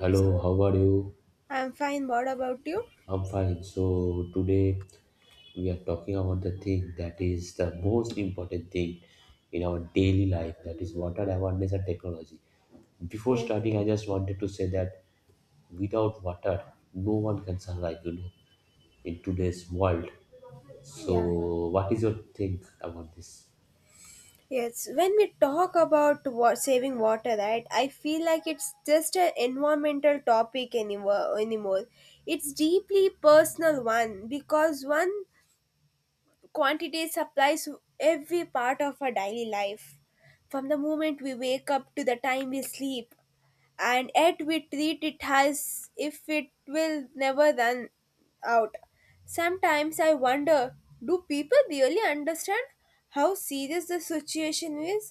Hello, So, how are you? I'm fine. What about you? I'm fine. So today we are talking about the thing that is the most important thing in our daily life, that is water awareness and technology. Before Yes. starting, I just wanted to say that without water, no one can survive, in today's world. Yeah. So what is your think about this? Yes. When we talk about saving water, right? I feel like it's just an environmental topic anymore. Anymore, it's deeply personal one because one quantity supplies every part of our daily life, from the moment we wake up to the time we sleep. And yet we treat it as if it will never run out. Sometimes I wonder, do people really understand how serious the situation is?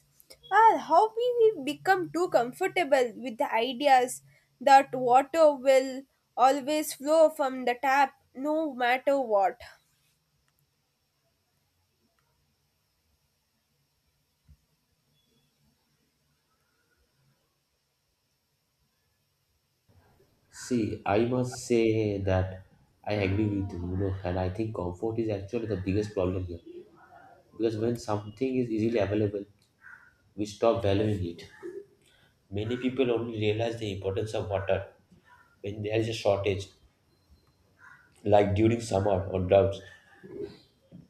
Or how we become too comfortable with the ideas that water will always flow from the tap no matter what? See, I must say that I agree with you, and I think comfort is actually the biggest problem here. Because when something is easily available, we stop valuing it. Many people only realize the importance of water when there is a shortage, like during summer or droughts.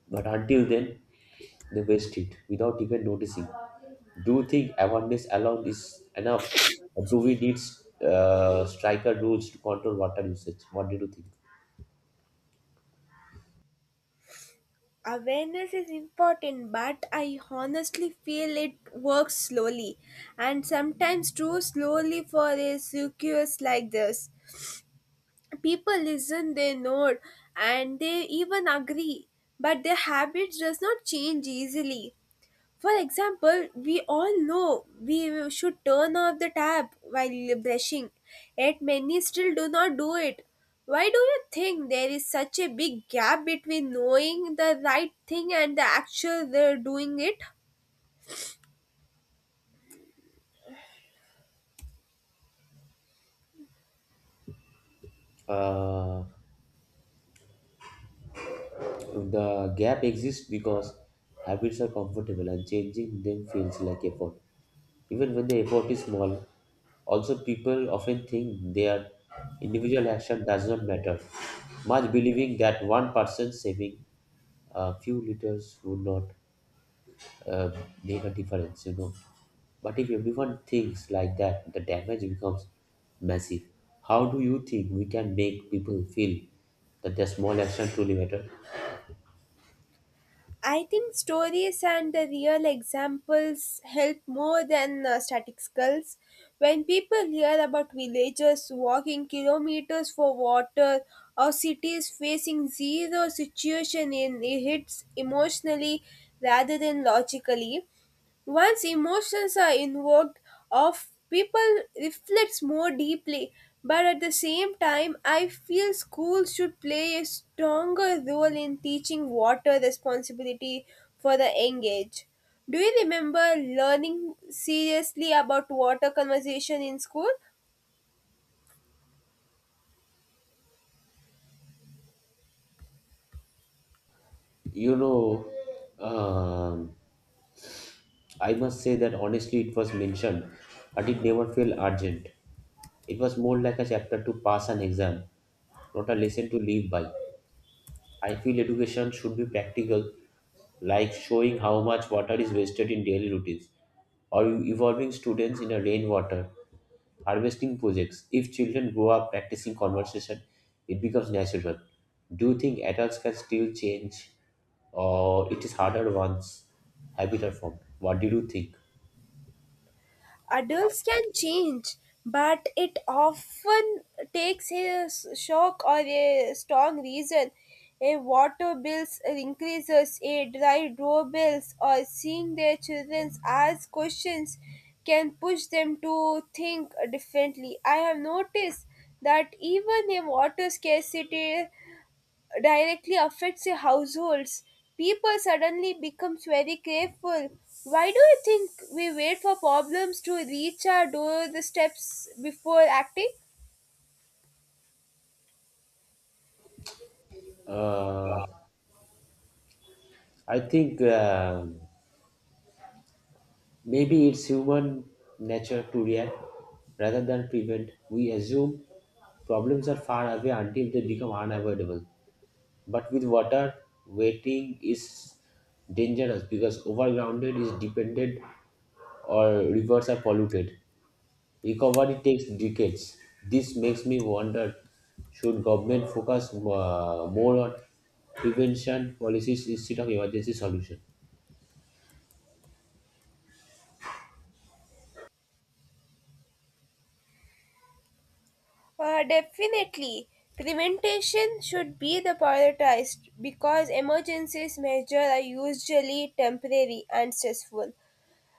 But until then, they waste it without even noticing. Do you think awareness alone is enough? Or do we need striker rules to control water usage? What do you think? Awareness is important, but I honestly feel it works slowly, and sometimes too slowly for a circus like this. People listen, they nod, and they even agree, but their habits does not change easily. For example, we all know we should turn off the tap while brushing, yet many still do not do it. Why do you think there is such a big gap between knowing the right thing and the actual doing it? Uh, the gap exists because habits are comfortable and changing them feels like effort, even when the effort is small. Also, people often think their individual action does not matter, much believing that one person saving a few liters would not uh, make a difference, But if everyone thinks like that, the damage becomes massive. How do you think we can make people feel that their small action truly matter? I think stories and the real examples help more than static skulls. When people hear about villagers walking kilometers for water or cities facing zero situation in, it hits emotionally rather than logically. Once emotions are invoked of people reflects more deeply, but at the same time I feel schools should play a stronger role in teaching water responsibility for the engaged. Do you remember learning seriously about water conservation in school? You know, um, I must say that honestly, it was mentioned, but it never felt urgent. It was more like a chapter to pass an exam, not a lesson to live by. I feel education should be practical, like showing how much water is wasted in daily routines, or involving students in a rainwater harvesting projects. If children grow up practicing conversation, it becomes natural. Do you think adults can still change, or it is harder once habits are formed? What do you think? Adults can change, but it often takes a shock or a strong reason. A water bills increases, a dry doorbells, or seeing their children ask questions can push them to think differently. I have noticed that even a water scarcity directly affects their households. People suddenly becomes very careful. Why do you think we wait for problems to reach our doorsteps before acting? Uh, I think. Maybe it's human nature to react rather than prevent. We assume problems are far away until they become unavoidable. But with water, waiting is dangerous because overgrounded is dependent or rivers are polluted. Recovery takes decades. This makes me wonder: should government focus more on prevention policies instead of emergency solution? Definitely. Prevention should be the prioritized because emergencies measures are usually temporary and stressful.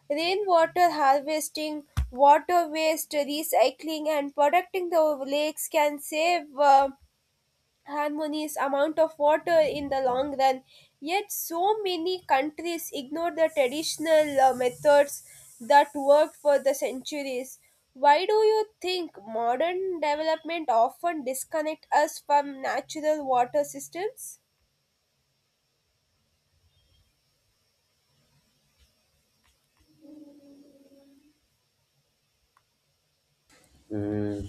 Rainwater harvesting, water waste recycling, and protecting the lakes can save harmonious amount of water in the long run. Yet, so many countries ignore the traditional methods that worked for the centuries. Why do you think modern development often disconnect us from natural water systems? Mm,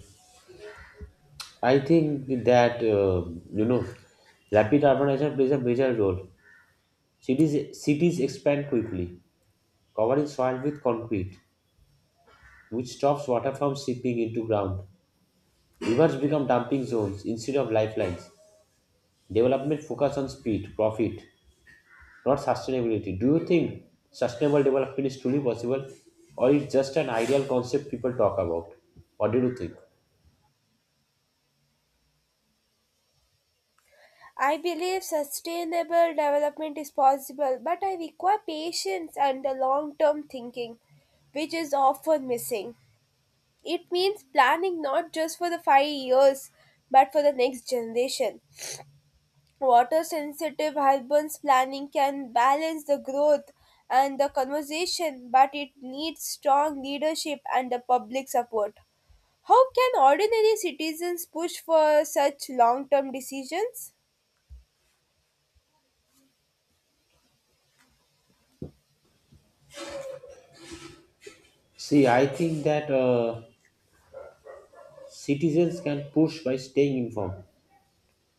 I think that you know, rapid urbanization plays a major role. Cities expand quickly, covering soil with concrete, which stops water from seeping into ground. Rivers become dumping zones instead of lifelines. Development focus on speed, profit, not sustainability. Do you think sustainable development is truly possible, or it's just an ideal concept people talk about? What do you think? I believe sustainable development is possible, but I require patience and the long term thinking, which is often missing. It means planning not just for the 5 years but for the next generation. Water sensitive husbands planning can balance the growth and the conversation, but it needs strong leadership and the public support. How can ordinary citizens push for such long term decisions? See, I think that citizens can push by staying informed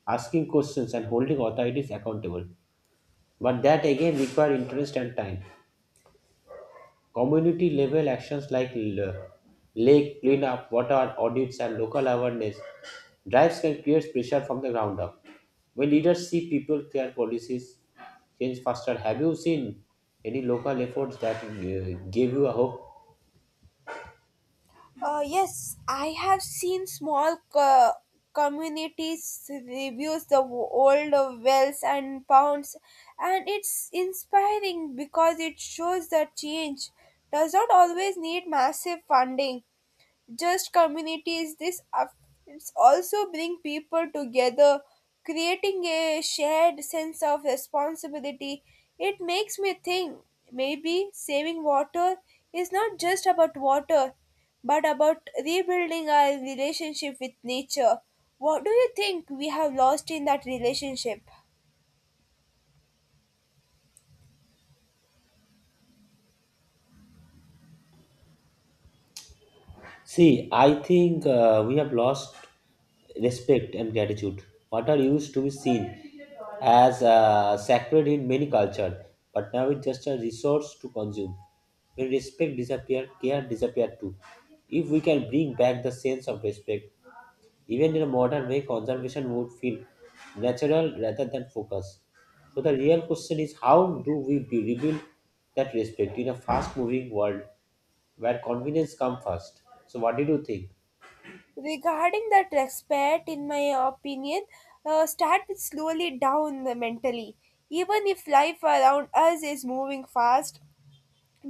asking questions and holding authorities accountable. But that again require interest and time. Community level actions like lake cleanup, water audits, and local awareness drives can create pressure from the ground up. When leaders see people care, policies change faster. Have you seen any local efforts that gave you a hope? Yes, I have seen small communities reviews the old wells and ponds, and it's inspiring because it shows that change does not always need massive funding, just communities this it's also bring people together, creating a shared sense of responsibility. It makes me think maybe saving water is not just about water but about rebuilding our relationship with nature. What do you think we have lost in that relationship? See, I think we have lost respect and gratitude. What are used to be seen as sacred in many cultures, but now it's just a resource to consume. When respect disappears, care disappears too. If we can bring back the sense of respect, even in a modern way, conservation would feel natural rather than focused. So the real question is, how do we rebuild that respect in a fast-moving world where convenience comes first? So what did you think? Regarding that respect, in my opinion, start with slowly down mentally, even if life around us is moving fast,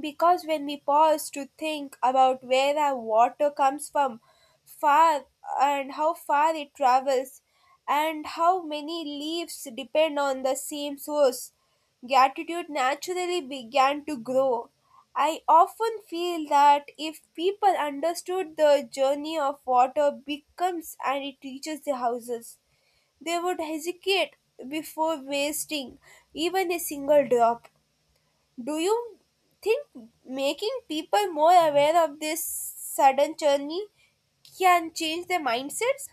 because when we pause to think about where our water comes from, far, and how far it travels, and how many leaves depend on the same source, gratitude naturally began to grow. I often feel that if people understood the journey of water becomes and it reaches the houses, they would hesitate before wasting even a single drop. Do you think making people more aware of this sudden journey can change their mindsets?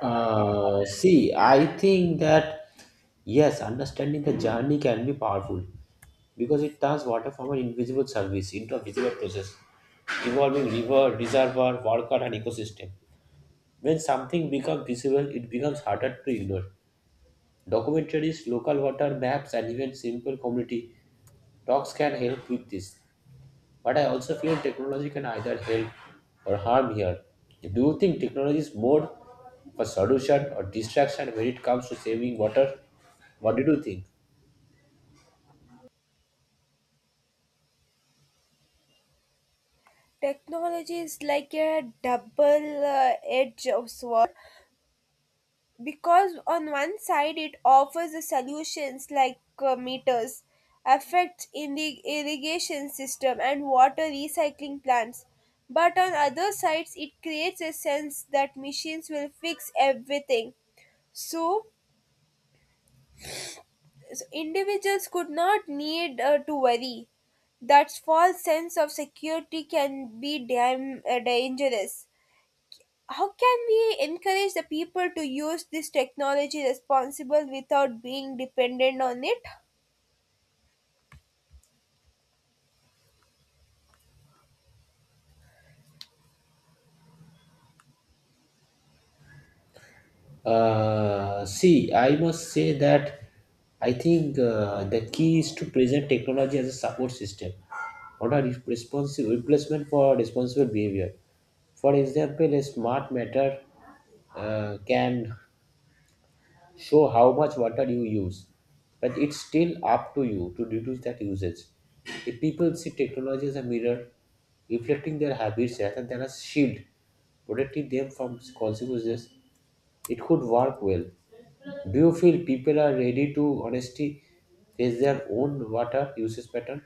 See, I think that yes, understanding the journey can be powerful because it turns water from an invisible service into a visible process involving river, reservoir, worker, and ecosystem. When something becomes visible, it becomes harder to ignore. Documentaries, local water maps, and even simple community talks can help with this. But I also feel technology can either help or harm here. Do you think technology is more of a solution or distraction when it comes to saving water? What did you think? Technology is like a double edge of sword, because on one side it offers the solutions like meters, effects in the irrigation system and water recycling plants. But on other sides it creates a sense that machines will fix everything. So So individuals could not need to worry. That false sense of security can be dangerous. How can we encourage the people to use this technology responsible without being dependent on it? See, I must say that I think the key is to present technology as a support system, not a responsive replacement for responsible behavior. For example, a smart meter can show how much water you use, but it's still up to you to reduce that usage. If people see technology as a mirror reflecting their habits rather than a shield protecting them from consequences, it could work well. Do you feel people are ready to honestly face their own water usage pattern?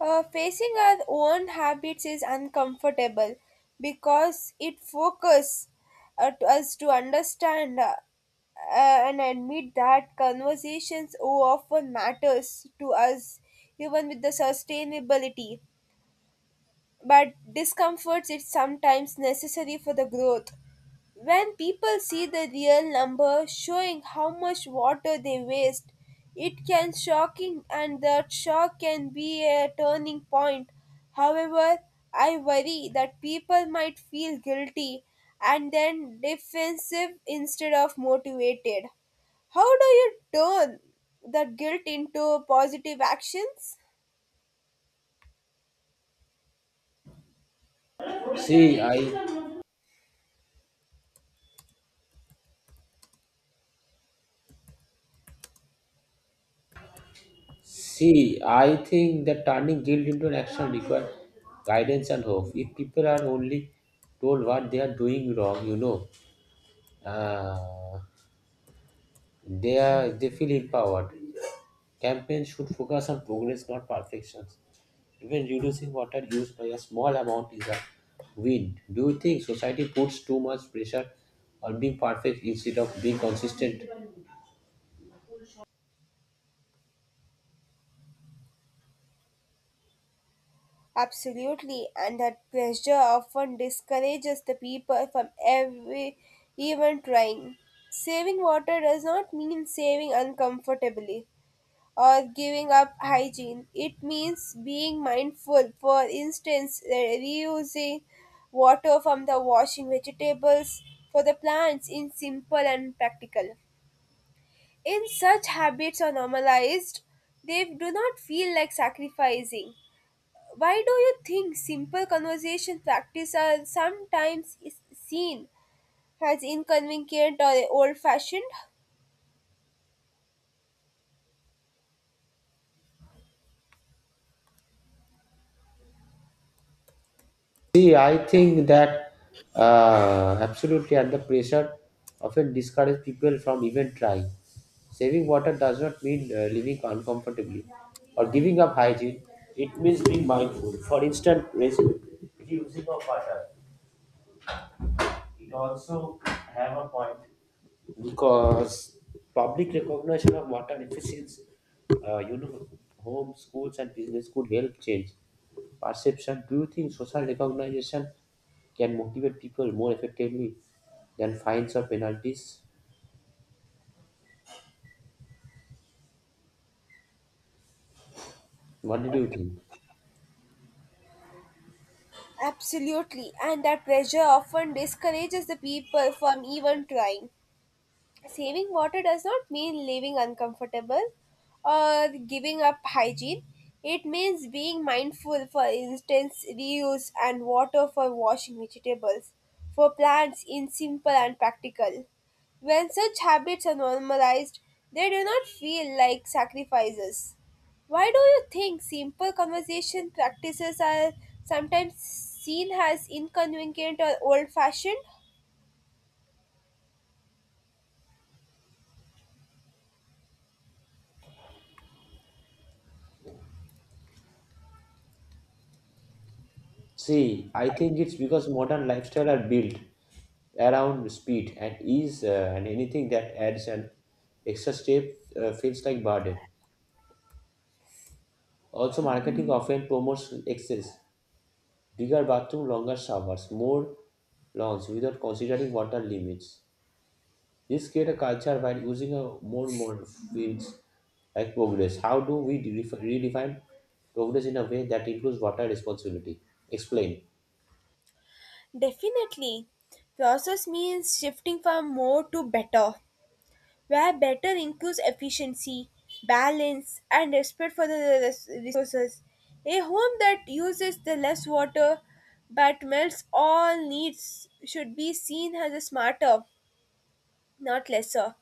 Facing our own habits is uncomfortable because it focuses to us to understand and admit that conversations often matters to us even with the sustainability, but discomforts it's sometimes necessary for the growth. When people see the real number showing how much water they waste, it can shocking, and that shock can be a turning point. However, I worry that people might feel guilty and then defensive instead of motivated. How do you turn that guilt into positive actions? see i See, I think that turning guilt into an action requires guidance and hope. If people are only told what they are doing wrong, Uh, they are, they feel empowered. Campaigns should focus on progress, not perfections. Even reducing water use by a small amount is a win. Do you think society puts too much pressure on being perfect instead of being consistent? Absolutely, and that pressure often discourages the people from every even trying. Saving water does not mean saving uncomfortably or giving up hygiene. It means being mindful. For instance, reusing water from the washing vegetables for the plants in simple and practical. In such habits are normalized, they do not feel like sacrificing. Why do you think simple conversation practice are sometimes is seen as inconvenient or old fashioned? See, I think that absolutely under pressure often discourages people from even trying. Saving water does not mean living uncomfortably or giving up hygiene. It means being mindful. For instance, reducing of water. It also have a point because public recognition of water deficits, uh, you know, homes, schools, and business could help change perception. Do you think social recognition can motivate people more effectively than fines or penalties? What did you think? Absolutely, and that pressure often discourages the people from even trying. Saving water does not mean living uncomfortable or giving up hygiene. It means being mindful. For instance, reuse and water for washing vegetables, for plants in simple and practical. When such habits are normalized, they do not feel like sacrifices. Why do you think simple conversation practices are sometimes seen as inconvenient or old fashioned? See, I think it's because modern lifestyle are built around speed and ease, and anything that adds an extra step feels like burden. Also, marketing often promotes excess, bigger bathrooms, longer showers, more lawns without considering water limits. This create a culture while using a more feels like progress. How do we redefine progress in a way that includes water responsibility? Explain. Definitely. Process means shifting from more to better, where better includes efficiency, balance, and respect for the resources. A home that uses the less water but melts all needs should be seen as a smarter, not lesser.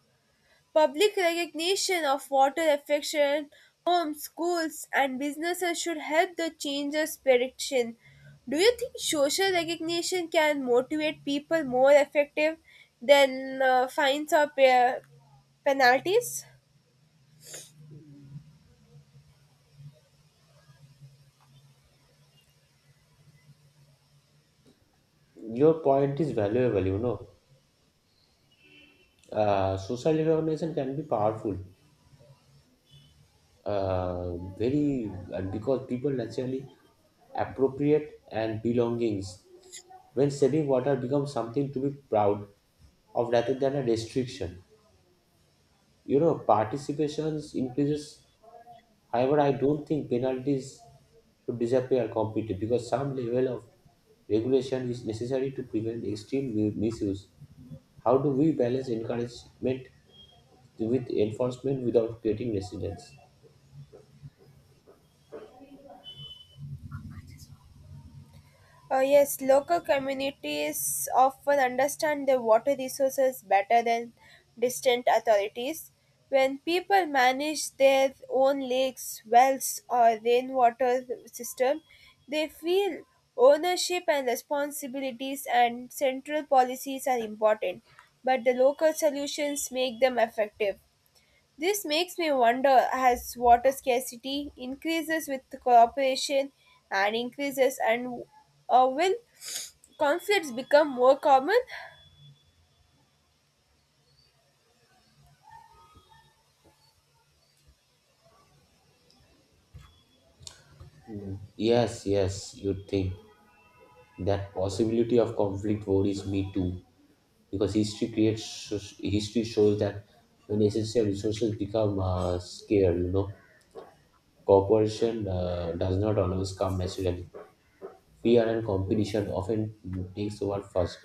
Public recognition of water affection, homes, schools, and businesses should help the changes prediction. Do you think social recognition can motivate people more effective than fines or penalties? Your point is valuable. You know, social recognition can be powerful. Very, and because people naturally appropriate and belongings when saving water becomes something to be proud of rather than a restriction. You know, participations increases. However, I don't think penalties should disappear completely because some level of regulation is necessary to prevent extreme misuse. How do we balance encouragement with enforcement without creating resistance? Yes, local communities often understand their water resources better than distant authorities. When people manage their own lakes, wells, or rainwater system, they feel ownership and responsibilities, and central policies are important, but the local solutions make them effective. This makes me wonder, as water scarcity increases with cooperation and increases, and will conflicts become more common? Yes, yes, you think that possibility of conflict worries me too. Because history shows that when essential resources become scarce, cooperation does not always come naturally. Fear and competition often takes over first.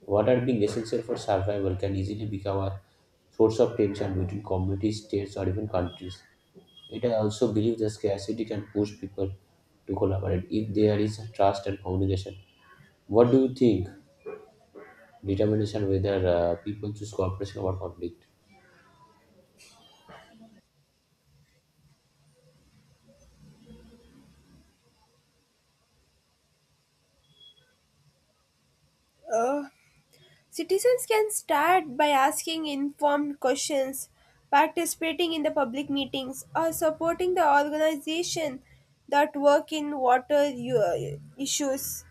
What are being essential for survival can easily become a source of tension between communities, states, or even countries. It i also believe that scarcity can push people to collaborate if there is trust and communication. What do you think determination whether people choose cooperation over conflict? Uh, Citizens can start by asking informed questions, participating in the public meetings, or supporting the organization that work in water issues.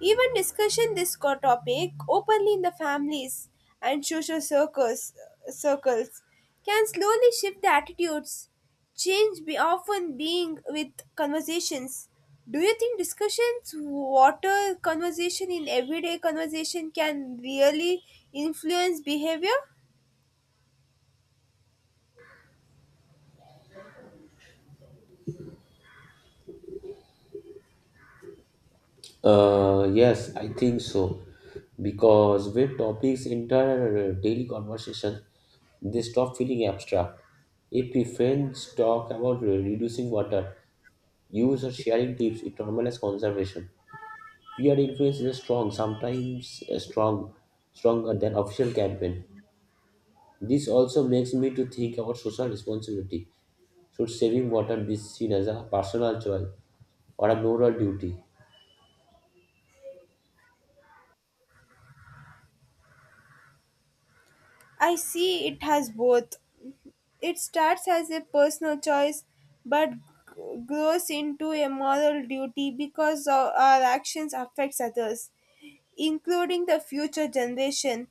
Even discussion this topic openly in the families and social circles, circles, can slowly shift the attitudes. Change be often being with conversations. Do you think discussions, water conversation in everyday conversation can really influence behavior? Yes, I think so. Because when topics enter daily conversation, they stop feeling abstract. If we friends talk about reducing water use or sharing tips, it normalizes conservation. Peer influence is strong, sometimes stronger than official campaign. This also makes me to think about social responsibility. Should saving water be seen as a personal choice or a moral duty? I see it has both. It starts as a personal choice, but grows into a moral duty because our actions affects others, including the future generation.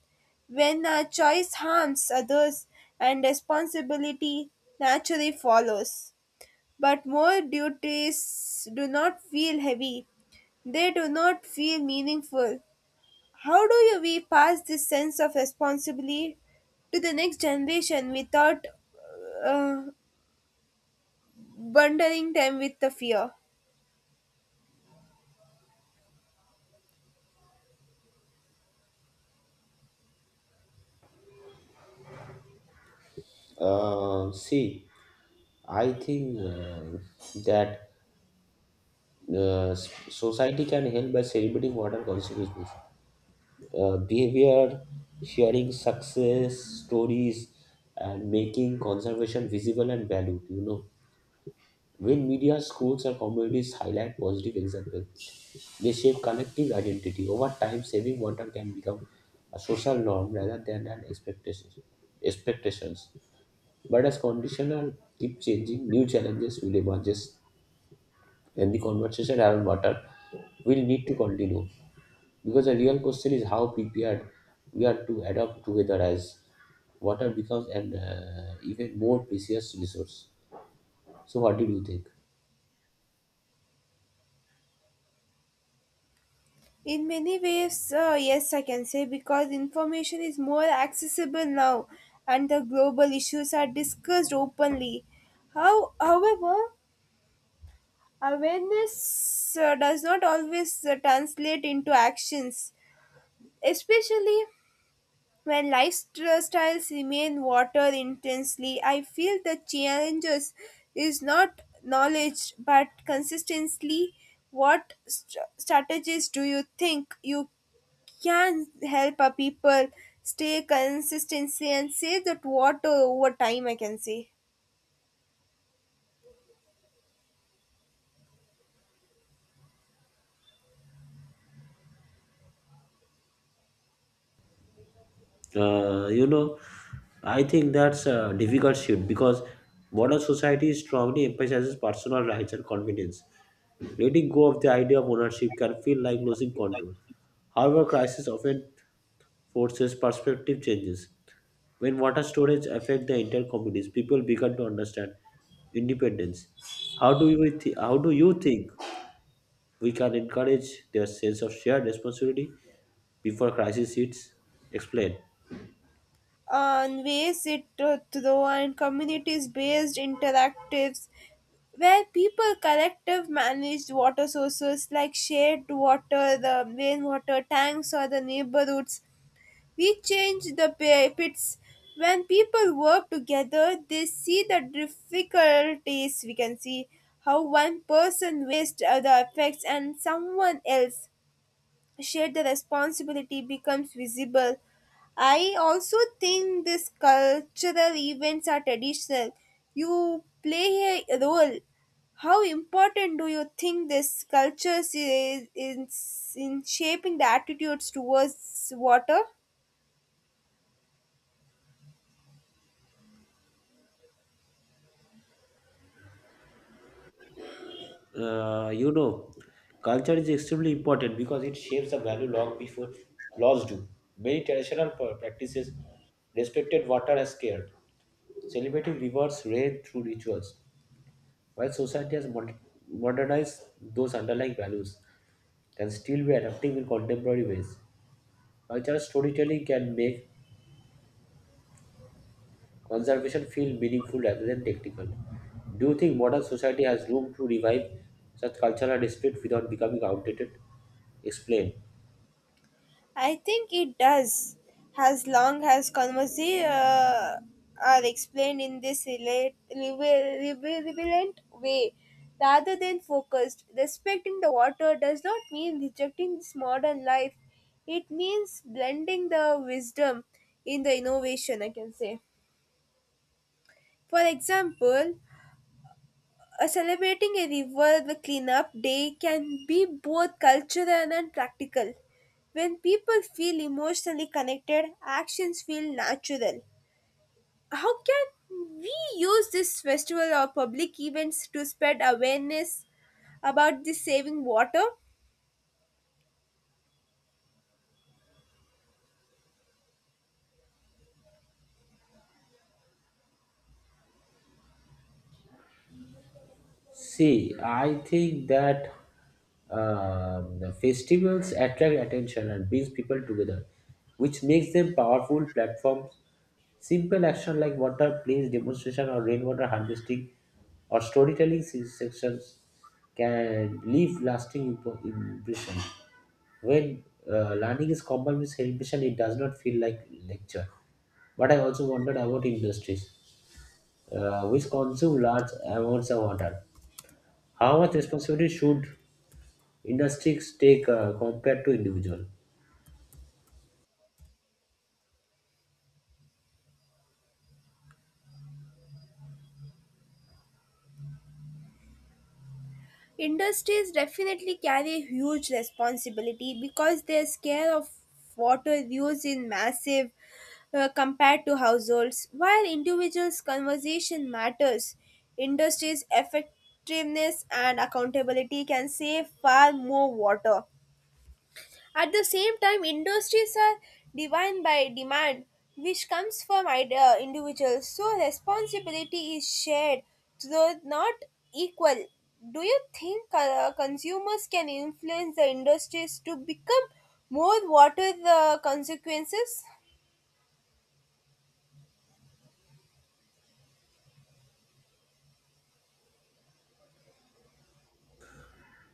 When our choice harms others and responsibility naturally follows. But more duties do not feel heavy. They do not feel meaningful. How do you we pass this sense of responsibility to the next generation without uh, bundling them with the fear? See. I think that society can help by celebrating modern consequences, behavior, sharing success stories, and making conservation visible and valued. You know, when media, schools, and communities highlight positive examples, they shape collective identity. Over time, saving water can become a social norm rather than an expectation. Expectations, but as conditional keep changing, new challenges will emerge. Then the conversation around water will need to continue, because the real question is how prepared we are to adapt together as water becomes an even more precious resource. So, what did you think? In many ways, yes, I can say, because information is more accessible now and the global issues are discussed openly. How, however, awareness does not always translate into actions, especially when lifestyles remain water intensely. I feel the challenges is not knowledge but consistently. What strategies do you think you can help a people stay consistency and save that water over time? I can say Uh, you know, I think that's a difficult shift because modern society strongly emphasizes personal rights and confidence. Letting go of the idea of ownership can feel like losing control. However, crisis often forces perspective changes. When water storage affect the entire communities, people begin to understand independence. How do you think we can encourage their sense of shared responsibility before crisis hits? Explain. on ways it through and communities based interactives where people collective managed water sources like shared water, the rainwater tanks, or the neighborhoods. We changed the pits. When people work together, they see the difficulties we can see how one person wastes the effects and someone else shared the responsibility becomes visible. I also think these cultural events are traditional. You play a role. How important do you think this culture is in shaping the attitudes towards water? Uh, you know, Culture is extremely important because it shapes the value long before laws do. Many traditional practices respected water as scarce, celebrating rivers, rain through rituals, while society has modernized those underlying values. Can still be adapting in contemporary ways. Cultural storytelling can make conservation feel meaningful rather than technical. Do you think modern society has room to revive such cultural dispute without becoming outdated? Explain. I think it does, as long as conversations are explained in this relevant way rather than focused. Respecting the water does not mean rejecting this modern life, it means blending the wisdom in the innovation, I can say. For example, celebrating a river cleanup day can be both cultural and practical. When people feel emotionally connected, actions feel natural. How can we use this festival or public events to spread awareness about the saving water? See, I think that the festivals attract attention and brings people together, which makes them powerful platforms. Simple action like water plays demonstration or rainwater harvesting or storytelling sections can leave lasting impression. When learning is combined with celebration, it does not feel like lecture. But I also wondered about industries, which consume large amounts of water. How much responsibility should industries take compared to individual? Industries definitely carry huge responsibility because their scale of water use is massive compared to households. While individuals' conversation matters, industries' effectiveness and accountability can save far more water. At the same time, industries are defined by demand, which comes from individuals, so responsibility is shared, though not equal. Do you think consumers can influence the industries to become more? What are the consequences?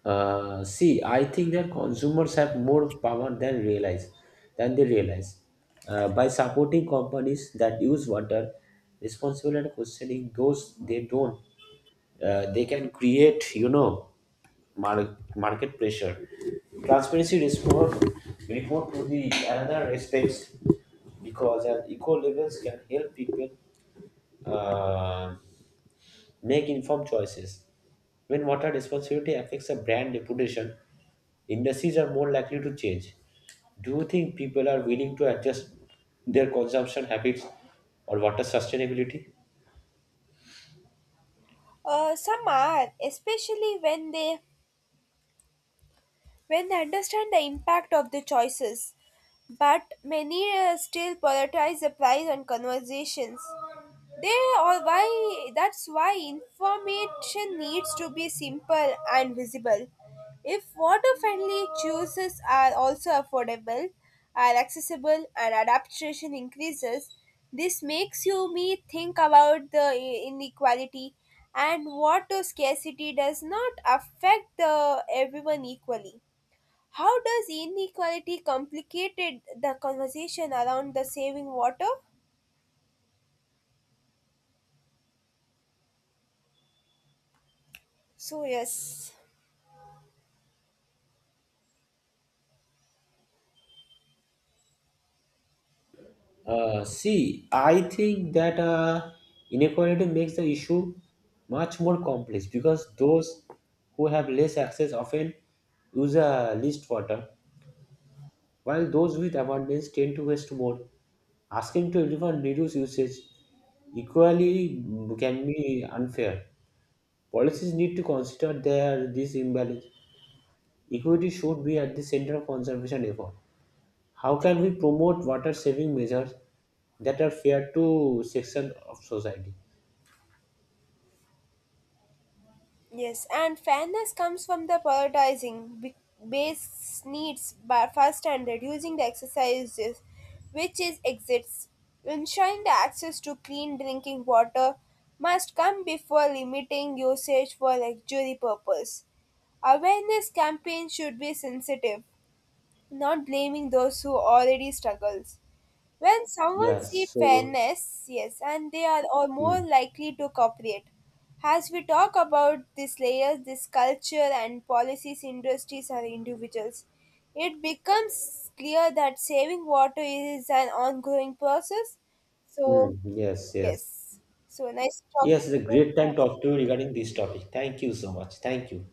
See, I think that consumers have more power than realize than they realize. By supporting companies that use water, responsible and questioning those they don't, they can create, mar- market pressure. Transparency report to the another aspects because at eco levels can help people uh, make informed choices. When water responsibility affects a brand reputation, industries are more likely to change. Do you think people are willing to adjust their consumption habits or water sustainability? Some are, especially when they understand the impact of their choices. But many still prioritize the price and conversations. They or why that's why information needs to be simple and visible. If what a family chooses are also affordable, are accessible, and adaptation increases, this makes you me think about the inequality and what a scarcity does not affect the everyone equally. How does inequality complicated the conversation around the saving water? So yes, See, I think that inequality makes the issue much more complex because those who have less access often use a least water, while those with abundance tend to waste more. Asking to everyone reduce usage equally can be unfair. Policies need to consider their this imbalance. Equity should be at the center of conservation effort. How can we promote water saving measures that are fair to section of society? yes, and fairness comes from the prioritizing base needs by first and reducing the exercises, which is exists. Ensuring the access to clean drinking water must come before limiting usage for luxury purpose. Awareness campaigns should be sensitive, not blaming those who already struggles. When someone Yes. sees So fairness, yes, and they are all more mm, likely to cooperate. As we talk about these layers, this culture and policies, industries, or individuals, it becomes clear that saving water is an ongoing process. So, yes, yes, yes. So, nice yes. It's a talking to great time to you. talk to you regarding this topic. Thank you so much. Thank you.